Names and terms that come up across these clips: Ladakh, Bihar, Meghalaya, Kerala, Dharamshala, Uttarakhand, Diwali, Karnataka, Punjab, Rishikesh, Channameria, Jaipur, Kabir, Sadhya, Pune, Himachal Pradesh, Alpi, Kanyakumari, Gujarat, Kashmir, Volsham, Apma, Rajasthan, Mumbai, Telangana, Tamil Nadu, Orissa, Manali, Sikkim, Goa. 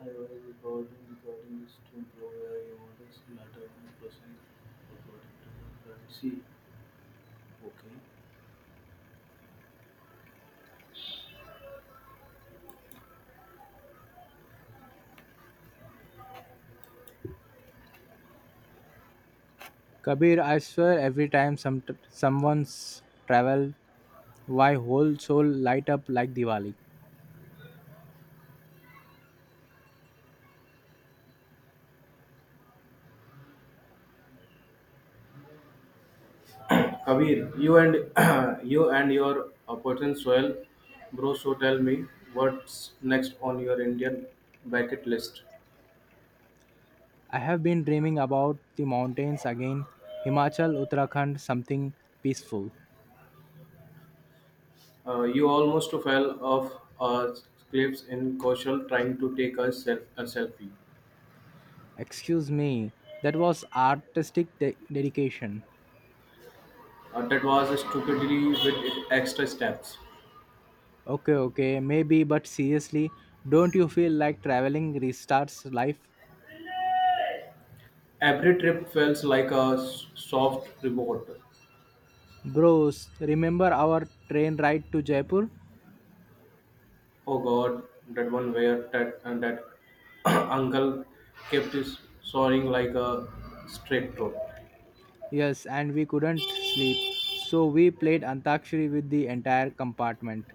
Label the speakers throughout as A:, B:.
A: I was recording this to improve AI models later on processing according to the policy. Okay.
B: Kabir, I swear every time someone's travel, my whole soul light up like Diwali.
A: Kabir, you and you and your opportune soil, bro, so tell me what's next on your Indian bucket list.
B: I have been dreaming about the mountains again, Himachal, Uttarakhand, something peaceful.
A: You almost fell off a cliff in Kaushal trying to take a selfie.
B: Excuse me, that was artistic dedication.
A: That was stupidly with extra steps.
B: Okay, okay, maybe, but seriously, don't you feel like traveling restarts life?
A: Every trip feels like a soft reward.
B: Bros, remember our train ride to Jaipur?
A: Oh God, that one where that and that uncle kept his soaring like a straight rope.
B: Yes, and we couldn't sleep. So we played Antakshari with the entire compartment.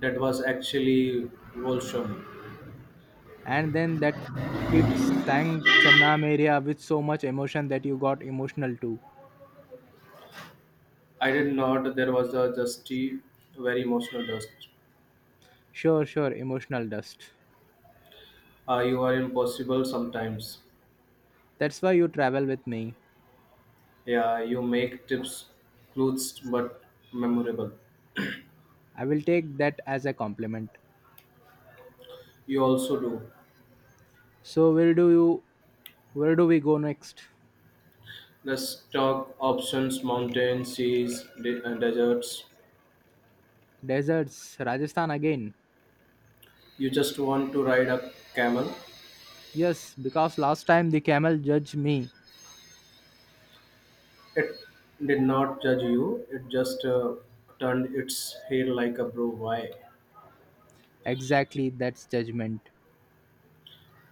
A: That was actually Volsham.
B: And then that kid sang Channameria with so much emotion that you got emotional too.
A: I did not. There was a dusty, very emotional dust.
B: Sure, sure, emotional dust.
A: You are impossible sometimes.
B: That's why you travel with me.
A: Yeah, you make tips, clothes, but memorable.
B: I will take that as a compliment.
A: You also do.
B: So where do we go next?
A: The stock options, mountains, seas, and deserts.
B: Deserts, Rajasthan again.
A: You just want to ride a camel.
B: Yes, because last time the camel judged me.
A: It did not judge you. It just turned its head like a bro. Why?
B: Exactly, that's judgment.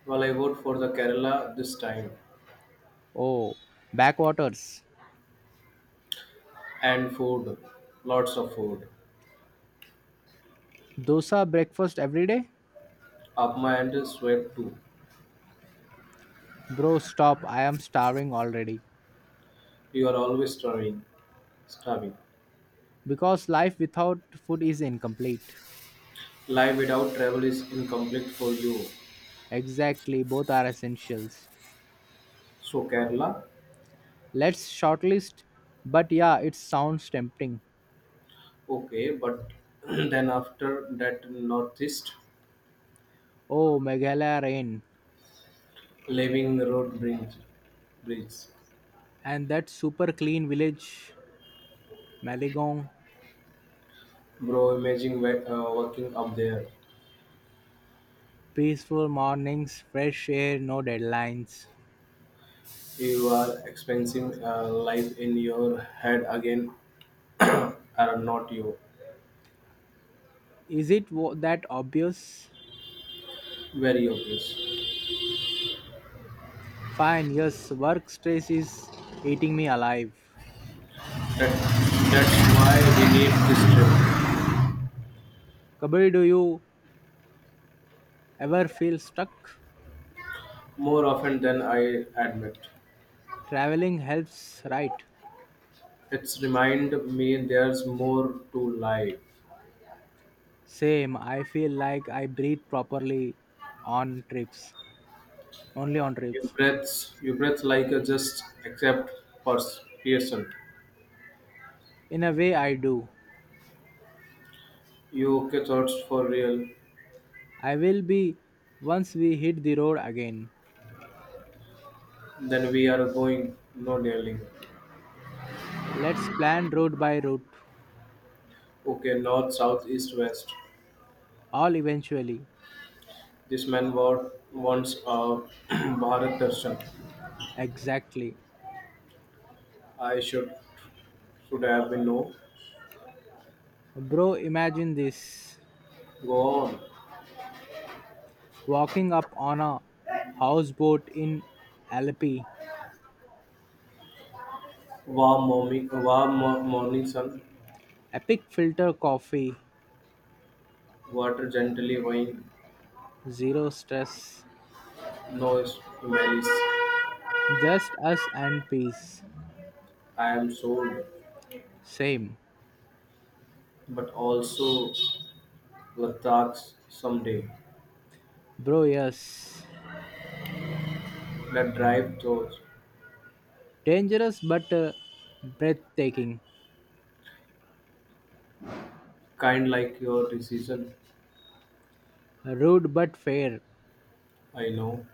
A: Well, I vote for the Kerala this time.
B: Oh, backwaters.
A: And food, lots of food.
B: Dosa breakfast every day?
A: Up my end is sweat too.
B: Bro, stop. I am starving already.
A: You are always starving.
B: Because life without food is incomplete.
A: Life without travel is incomplete for you.
B: Exactly, both are essentials.
A: So Kerala,
B: Let's shortlist. But yeah, it sounds tempting.
A: okay, but then after that northeast,
B: Oh, Meghalaya rain.
A: leaving the road brings.
B: And that super clean village, Maligong.
A: Bro, imagine working up there.
B: Peaceful mornings, fresh air, no deadlines.
A: You are experiencing life in your head again, are not you?
B: Is it that obvious?
A: Very obvious.
B: Fine, yes, work stress is eating me alive.
A: That, that's why we need this trip
B: Kabir, do you ever feel stuck?
A: more often than I admit.
B: Traveling helps, right?
A: It's remind me there's more to life.
B: Same. I feel like I breathe properly on trips, only on trips.
A: Your breath like a just accept for Pearson.
B: In a way, I do.
A: You okay thoughts for real?
B: I will be once we hit the road again.
A: Then we are going no dealing.
B: Let's plan route by route,
A: Okay, north, south, east, west.
B: all eventually.
A: This man wants a Bharat Darshan.
B: Exactly.
A: I should have been no.
B: Bro, imagine this
A: Go on.
B: walking up on a houseboat in Alpi,
A: Warm morning sun,
B: epic filter coffee,
A: water gently wine,
B: zero stress,
A: no smells.
B: just us and peace.
A: I am sold,
B: Same.
A: but also Ladakhs someday.
B: Bro, yes.
A: That drive thoughts,
B: Dangerous but breathtaking.
A: kind like your decision.
B: Rude but fair.
A: I know,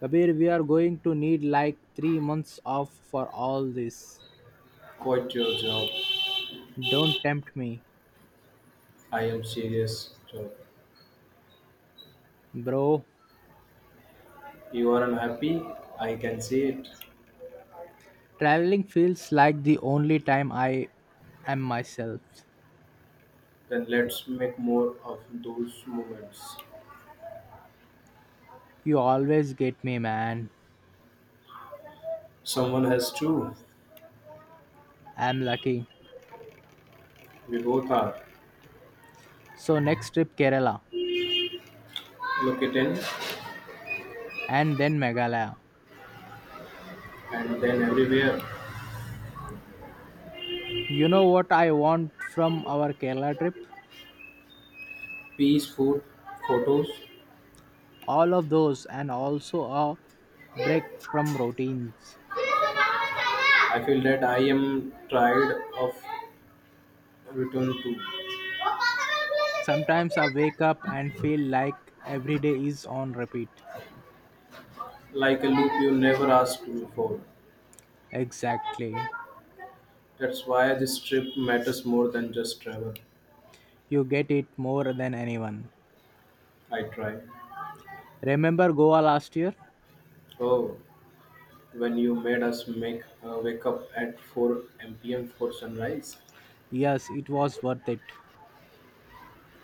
B: Kabir, we are going to need like 3 months off for all this.
A: quite your job.
B: Don't tempt me,
A: I am serious job.
B: bro.
A: You are unhappy. I can see it.
B: Traveling feels like the only time I am myself.
A: Then let's make more of those moments.
B: You always get me, man.
A: Someone has to.
B: I'm lucky.
A: We both are.
B: So, next trip, Kerala,
A: Look it in
B: and then Meghalaya.
A: and then everywhere.
B: You know what I want from our Kerala trip?
A: Peace, food, photos.
B: All of those, and also a break from routines.
A: I feel that I am tired of return to.
B: Sometimes I wake up and feel like every day is on repeat.
A: Like a loop you never asked before.
B: Exactly.
A: That's why this trip matters more than just travel.
B: You get it more than anyone.
A: I try.
B: Remember Goa last year?
A: Oh, when you made us make wake up at 4 p.m. for sunrise.
B: Yes, it was worth it.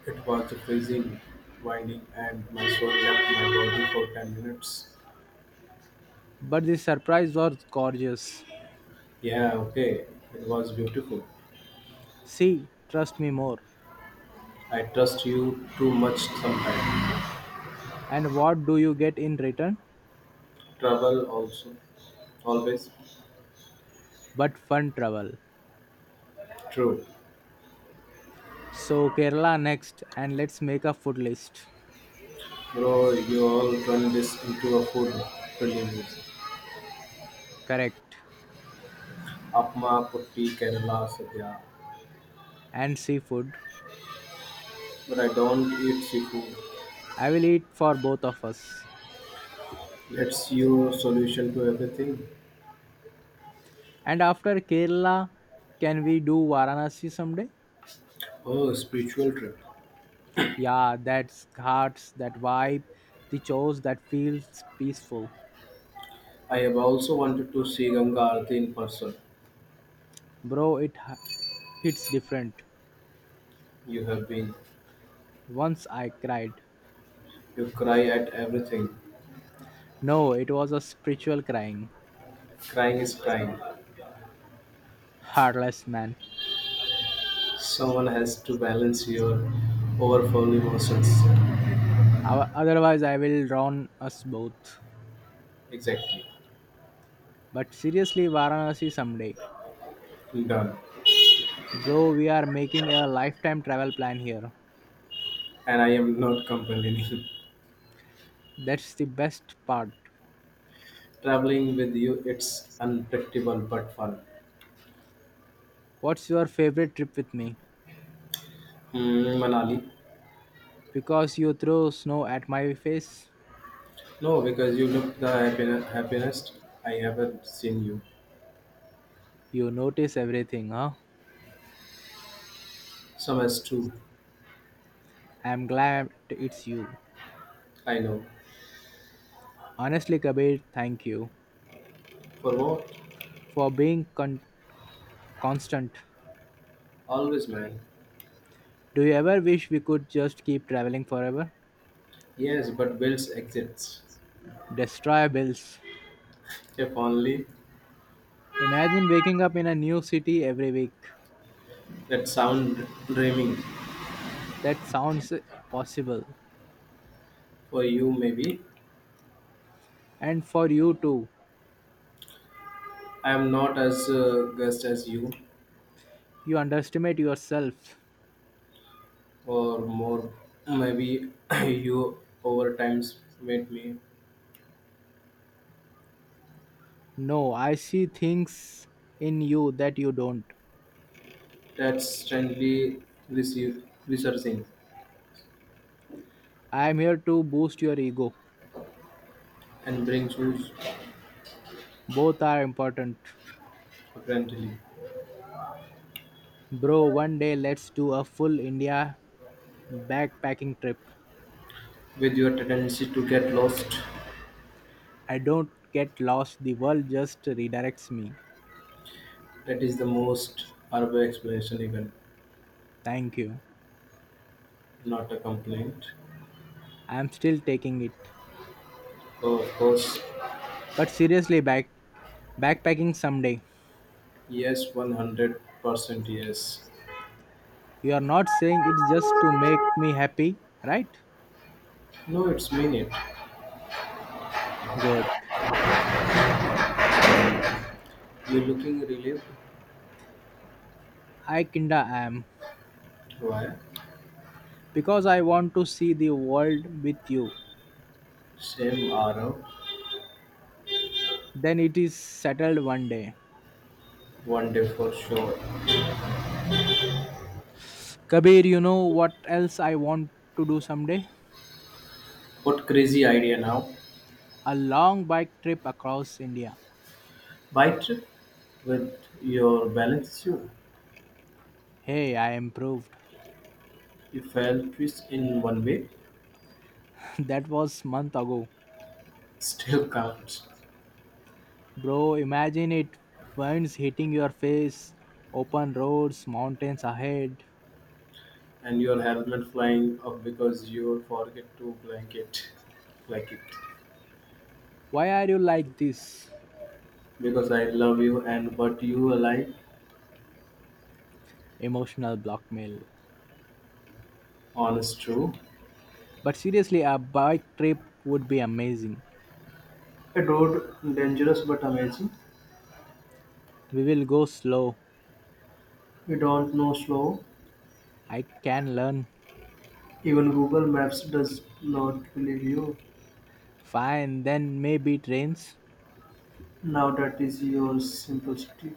A: It was freezing, winding, and my soul left my body for 10 minutes.
B: But the surprise was gorgeous.
A: Yeah, okay, it was beautiful.
B: See? Trust me more.
A: I trust you too much sometimes.
B: And what do you get in return?
A: Trouble also, always.
B: But fun travel.
A: True.
B: So Kerala next, and let's make a food list.
A: Bro, you all turn this into a food, believe me.
B: Correct.
A: Apma, Putti, Kerala, Sadhya.
B: And seafood.
A: But I don't eat seafood.
B: I will eat for both of us.
A: That's your solution to everything.
B: And after Kerala, can we do Varanasi someday?
A: Oh, spiritual trip.
B: Yeah, that's hearts, that vibe, the chores that feels peaceful.
A: I have also wanted to see Ganga Aarti in person.
B: Bro, it hits different.
A: You have been.
B: Once I cried.
A: You cry at everything.
B: No, it was a spiritual crying.
A: Crying is crying.
B: Heartless man.
A: Someone has to balance your overflowing emotions.
B: Otherwise, I will drown us both.
A: Exactly.
B: But seriously, Varanasi someday.
A: Done.
B: Bro, we are making a lifetime travel plan here.
A: And I am not complaining.
B: That's the best part.
A: Traveling with you, it's unpredictable but fun.
B: What's your favorite trip with me?
A: Hmm, Manali.
B: Because you throw snow at my face,
A: No, because you look the happiest I ever seen you.
B: you notice everything, huh?
A: Some as too.
B: I'm glad it's you.
A: I know.
B: Honestly, Kabir, thank you
A: For what?
B: for being constant.
A: Always, man.
B: Do you ever wish we could just keep traveling forever?
A: Yes, but bills exits.
B: Destroy bills.
A: If only
B: Imagine waking up in a new city every week.
A: that sound dreaming
B: That sounds possible.
A: for you, maybe.
B: And for you too,
A: I am not as guest as you,
B: you underestimate yourself.
A: or more, maybe you over times made me
B: No, I see things in you that you don't.
A: that strangely receive, researching
B: I am here to boost your ego.
A: and bring shoes
B: Both are important.
A: apparently.
B: Bro, one day let's do a full India backpacking trip.
A: With your tendency to get lost,
B: I don't get lost, the world just redirects me.
A: that is the most urban explanation, even
B: Thank you.
A: not a complaint.
B: I'm still taking it.
A: Oh, of course,
B: But seriously, backpacking someday.
A: yes, 100% yes.
B: You are not saying it's just to make me happy, right?
A: No, it's mean it.
B: Good.
A: You looking relieved.
B: I kinda am.
A: Why?
B: Because I want to see the world with you.
A: Same Arav,
B: Then it is settled one day.
A: one day for sure.
B: Kabir, you know what else I want to do someday?
A: What crazy idea now?
B: A long bike trip across India.
A: Bike trip with your balance you.
B: Hey, I improved.
A: You fell twist in one way,
B: That was month ago.
A: still counts.
B: Bro, imagine it winds hitting your face, open roads, mountains ahead.
A: And your helmet flying up because you forget to blanket like it.
B: Why are you like this?
A: Because I love you and but you alive,
B: Emotional blackmail.
A: honest true.
B: But seriously, a bike trip would be amazing.
A: A road dangerous but amazing.
B: We will go slow.
A: We don't know slow.
B: I can learn.
A: Even Google Maps does not believe you.
B: Fine, then maybe trains.
A: Now that is your simplicity.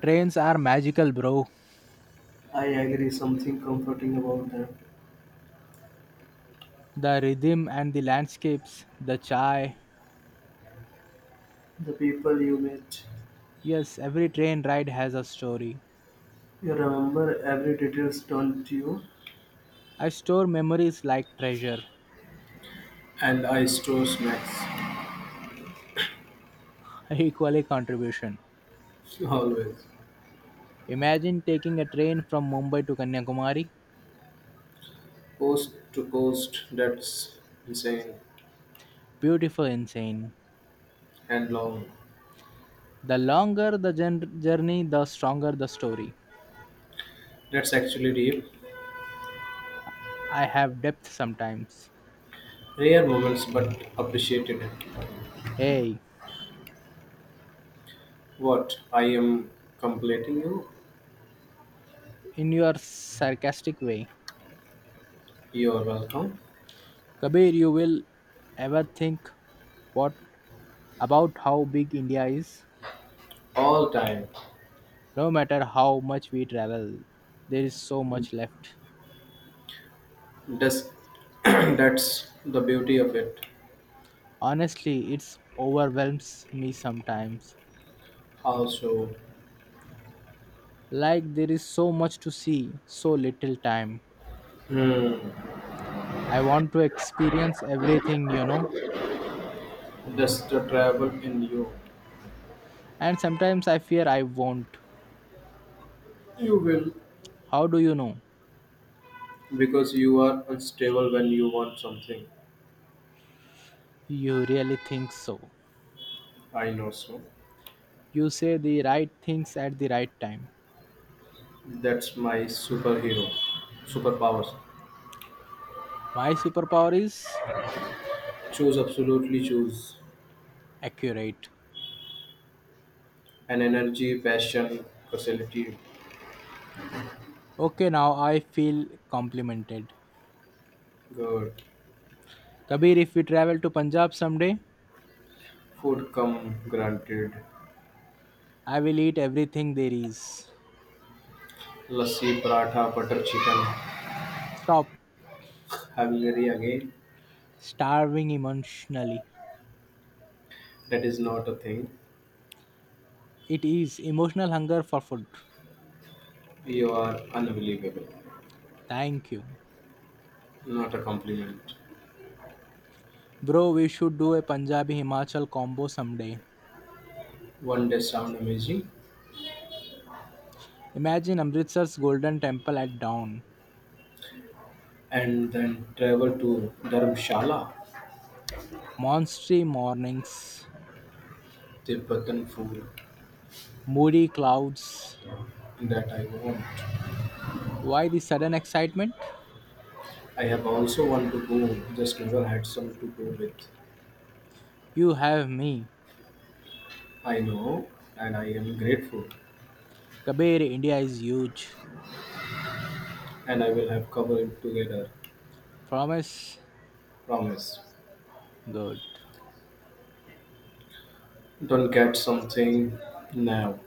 B: Trains are magical, bro.
A: I agree. Something comforting about them.
B: The rhythm and the landscapes, the chai,
A: The people you met,
B: yes, every train ride has a story.
A: you remember every details, don't you?
B: I store memories like treasure.
A: And I store snacks.
B: Equally contribution.
A: Always.
B: Imagine taking a train from Mumbai to Kanyakumari.
A: Coast to coast, that's insane.
B: Beautiful, insane.
A: And long.
B: The longer the journey, the stronger the story.
A: That's actually deep.
B: I have depth sometimes.
A: Rare moments, but appreciated it.
B: Hey,
A: What? I am completing you?
B: in your sarcastic way,
A: You're welcome.
B: Kabir, you will ever think what about how big India is?
A: All time.
B: No matter how much we travel, there is so much left.
A: That's, that's the beauty of it.
B: Honestly, it overwhelms me sometimes.
A: Also,
B: Like there is so much to see, so little time.
A: hmm,
B: I want to experience everything,
A: that's the trouble in you.
B: and sometimes I fear I won't.
A: You will,
B: How do you know?
A: because you are unstable when you want something.
B: You really think so.
A: I know so.
B: You say the right things at the right time.
A: That's my superpowers.
B: My superpower is
A: Choose, absolutely choose.
B: accurate.
A: An energy, passion, facility.
B: Okay, now I feel complimented.
A: Good.
B: Kabir, if we travel to Punjab someday,
A: Food come granted.
B: I will eat everything there is.
A: Lassi, paratha, butter chicken.
B: Stop
A: Hungry again.
B: starving emotionally.
A: That is not a thing.
B: It is emotional hunger for food.
A: You are unbelievable.
B: Thank you.
A: Not a compliment.
B: Bro, we should do a Punjabi Himachal combo someday.
A: One day sound amazing,
B: Imagine Amritsar's golden temple at dawn,
A: and then travel to Dharamshala,
B: monstery mornings,
A: Tibetan food
B: moody clouds.
A: that I want.
B: Why the sudden excitement?
A: I have also want to go, just never had some to go with.
B: You have me.
A: I know, and I am grateful,
B: Kabir, India is huge.
A: and I will have covered it together.
B: Promise?
A: Promise.
B: Good.
A: Don't get something now,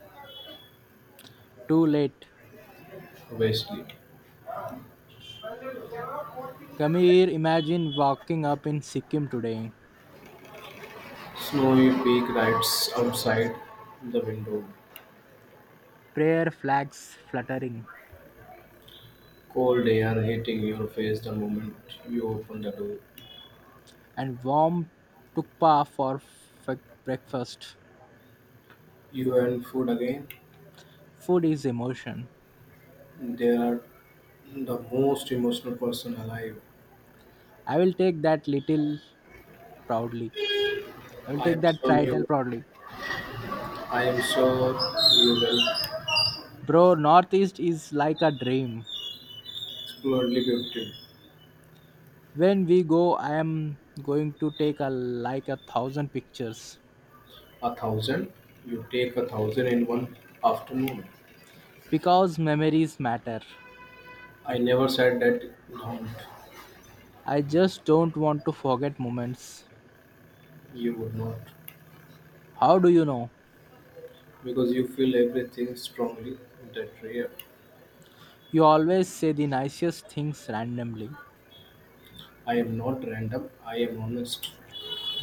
B: Too late.
A: obviously.
B: Kabir, imagine walking up in Sikkim today.
A: Snowy peak rides outside the window.
B: Prayer flags fluttering.
A: Cold air hitting your face the moment you open the door.
B: And warm tukpa for f- breakfast.
A: You and food again?
B: Food is emotion.
A: They are the most emotional person alive.
B: I will take that little proudly. I will
A: I
B: take
A: am
B: that
A: sure
B: title
A: you.
B: proudly.
A: I am sure you will
B: Bro, Northeast is like a dream.
A: explodely gifted.
B: When we go, I am going to take a like a thousand pictures
A: A thousand. You take a thousand in one afternoon.
B: because memories matter.
A: I never said that don't.
B: I just don't want to forget moments.
A: You would not,
B: How do you know?
A: because you feel everything strongly. That rare.
B: You always say the nicest things randomly.
A: I am not random. I am honest.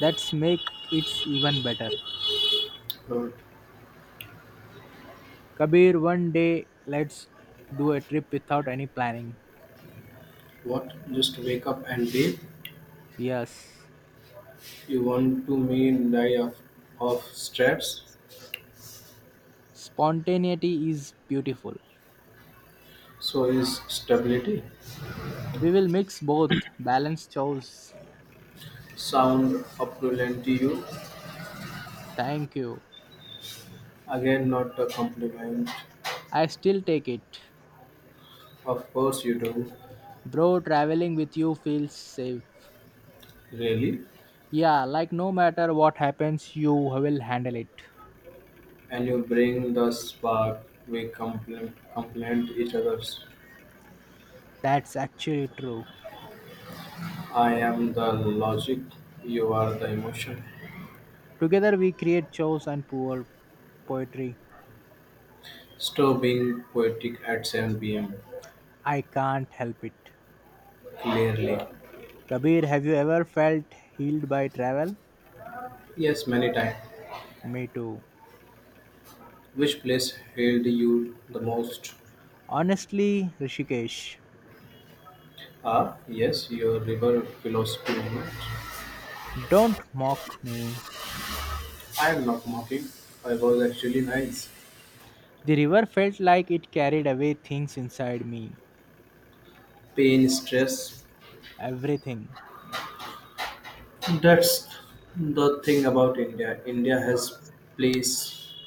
B: That's make it even better.
A: Uh,
B: Kabir, one day let's do a trip without any planning.
A: what? Just wake up and leave?
B: Yes,
A: You want to mean die of stress?
B: spontaneity is beautiful.
A: So is stability.
B: We will mix both, balanced choice.
A: Sound opulent to you?
B: Thank you.
A: Again, not a compliment.
B: I still take it.
A: Of course you do.
B: Bro, traveling with you feels safe.
A: Really?
B: Yeah, like no matter what happens, you will handle it.
A: And you bring the spark. We complement each other's.
B: That's actually true.
A: I am the logic. You are the emotion.
B: Together we create shows and poor poetry.
A: Stop being poetic at 7 p.m.
B: I can't help it.
A: Clearly.
B: Kabir, have you ever felt healed by travel?
A: Yes, many times.
B: Me too.
A: Which place healed you the most?
B: Honestly, Rishikesh.
A: Ah, yes, your river philosophy.
B: Don't mock me.
A: I am not mocking. I was actually nice.
B: The river felt like it carried away things inside me.
A: Pain, stress,
B: Everything.
A: that's the thing about India. India has place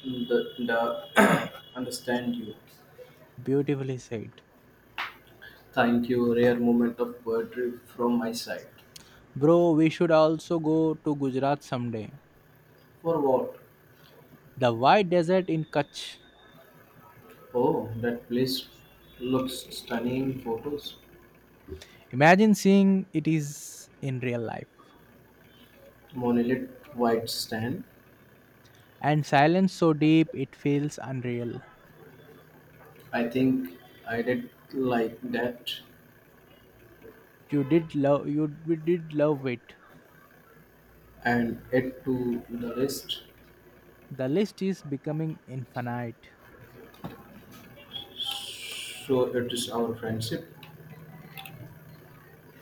A: the understand you.
B: Beautifully said.
A: Thank you, rare moment of poetry from my side.
B: Bro, we should also go to Gujarat someday.
A: For what?
B: The white desert in Kutch.
A: Oh, that place looks stunning in photos.
B: Imagine seeing it is in real life.
A: Monolith white stand.
B: And silence so deep it feels unreal.
A: I think I did like that
B: You did love you we did love it.
A: and add to the list.
B: The list is becoming infinite.
A: So it is our friendship.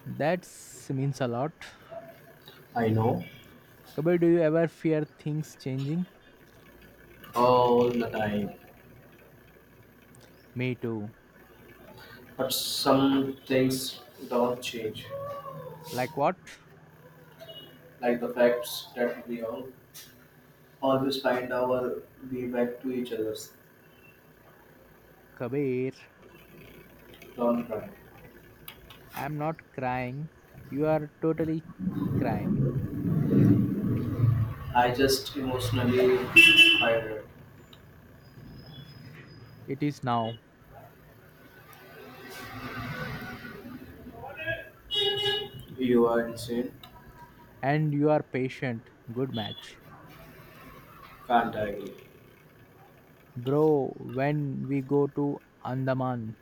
B: That means a lot.
A: I know
B: Kabir, do you ever fear things changing?
A: all the time,
B: Me too.
A: but some things don't change,
B: Like what?
A: like the facts that we all always find our way back to each other's.
B: Kabir,
A: Don't cry.
B: I'm not crying. You are totally crying.
A: I just emotionally tired.
B: It is now.
A: You are insane.
B: And you are patient. Good match.
A: Can't agree.
B: Bro, when we go to Andaman,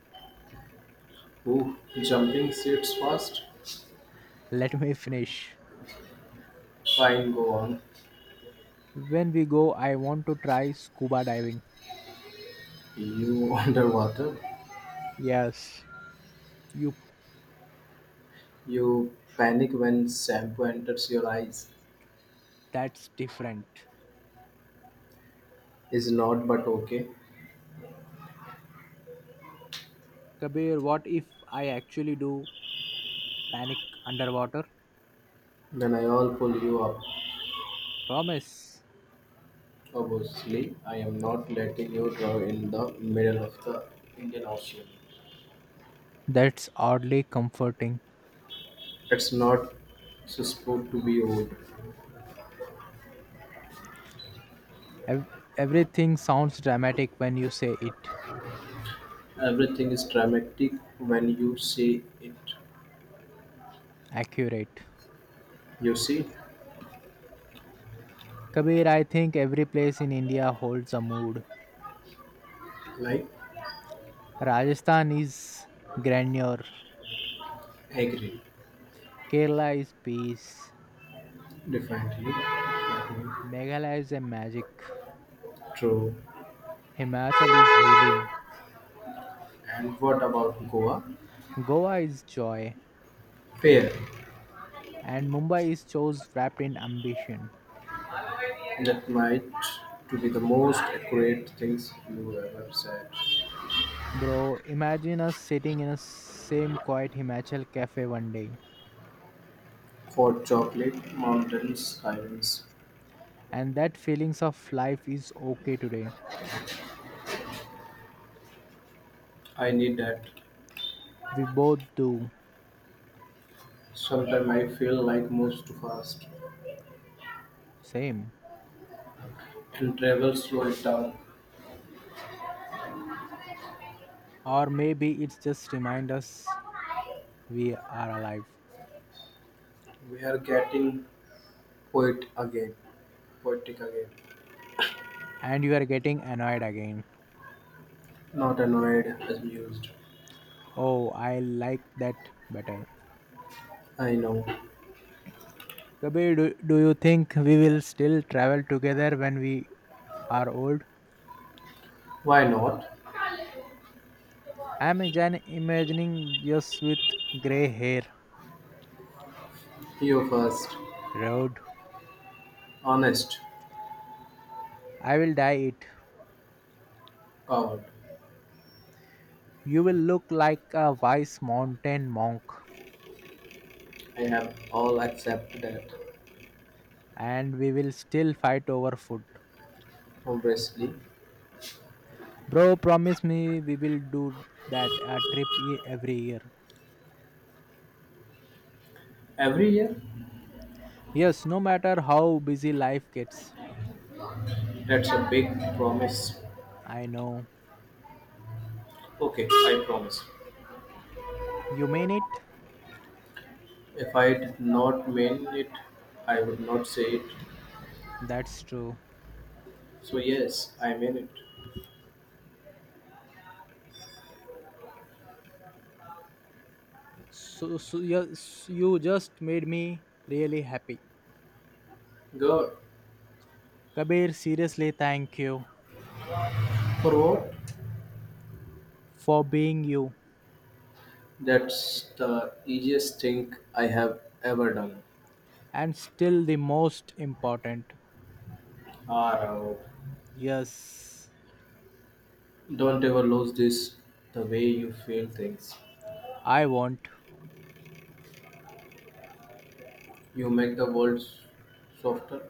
A: Ooh, jumping seats fast.
B: let me finish.
A: Fine, go on.
B: When we go, I want to try scuba diving.
A: You underwater.
B: Yes, you
A: You panic when shampoo enters your eyes.
B: that's different.
A: Is not but okay.
B: Kabir, what if I actually do panic underwater?
A: Then I all pull you up.
B: Promise.
A: Obviously, I am not letting you drive in the middle of the Indian Ocean.
B: That's oddly comforting.
A: It's not supposed to be old.
B: Ev- Everything sounds dramatic when you say it.
A: Everything is dramatic when you say it.
B: Accurate.
A: You see,
B: Kabir, I think every place in India holds a mood.
A: like
B: Rajasthan is grandeur,
A: agree,
B: Kerala is peace,
A: definitely, definitely,
B: Meghalaya is a magic,
A: true.
B: Himachal is healing,
A: And what about Goa?
B: Goa is joy,
A: Fair.
B: and Mumbai is chose wrapped in ambition.
A: That might to be the most accurate things you ever said.
B: Bro, imagine us sitting in a same quiet Himachal cafe one day,
A: For chocolate, mountains, silence.
B: and that feelings of life is okay today.
A: I need that.
B: We both do.
A: Sometimes I feel life moves too fast
B: Same.
A: and travel slow it down.
B: Or maybe it's just remind us we are alive.
A: We are getting poet again, poetic again.
B: And you are getting annoyed again.
A: Not annoyed, amused.
B: Oh, I like that better.
A: I know.
B: Kabir, do you think we will still travel together when we are old?
A: Why not?
B: I'm imagining us with grey hair.
A: You first.
B: Road.
A: Honest.
B: I will dye it.
A: Coward.
B: You will look like a wise mountain monk.
A: I have all accept that.
B: And we will still fight over food.
A: Obviously.
B: Bro, promise me we will do that a trip every year.
A: Every year?
B: Yes, no matter how busy life gets.
A: That's a big promise.
B: I know.
A: Okay, I promise.
B: You mean it?
A: If I did not mean it, I would not say it.
B: That's true.
A: So, yes, I mean it.
B: So, yes, you just made me really happy.
A: Good.
B: Kabir, seriously, thank you
A: For what?
B: for being you.
A: That's the easiest thing I have ever done.
B: And still the most important.
A: Or
B: Yes,
A: don't ever lose this the way you feel things.
B: I want.
A: You make the world softer.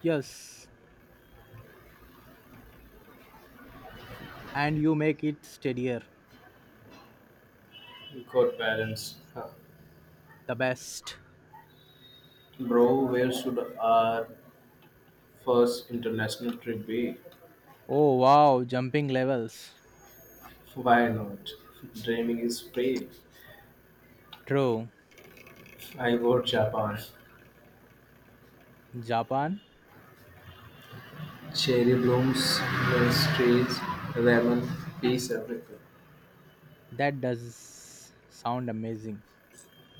B: Yes, and you make it steadier.
A: Good balance. Huh.
B: The best.
A: Bro, where should our first international trip be?
B: Oh wow, jumping levels.
A: Why not? Dreaming is free.
B: True.
A: I vote Japan.
B: Japan?
A: Cherry blooms, mysteries, ramen, peace, everything.
B: That does sound amazing.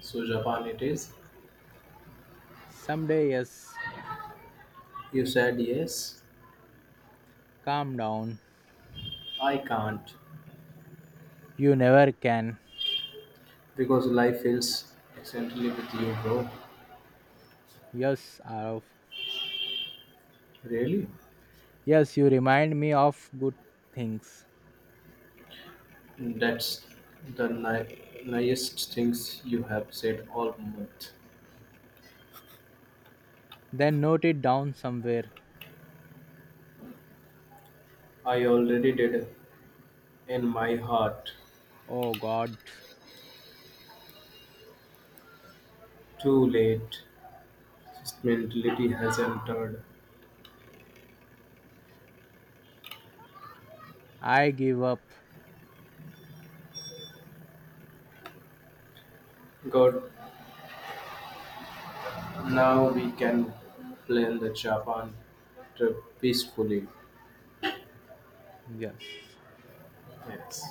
A: So Japan it is.
B: Someday, yes.
A: You said yes,
B: Calm down.
A: I can't.
B: You never can.
A: Because life feels accidentally with you, bro.
B: Yes, Arav.
A: Really?
B: Yes, you remind me of good things.
A: That's the nicest things you have said all month.
B: Then note it down somewhere.
A: I already did in my heart.
B: Oh God,
A: Too late. This mentality has entered.
B: I give up.
A: God, now we can plan the Japan trip peacefully.
B: Yes.
A: Yes.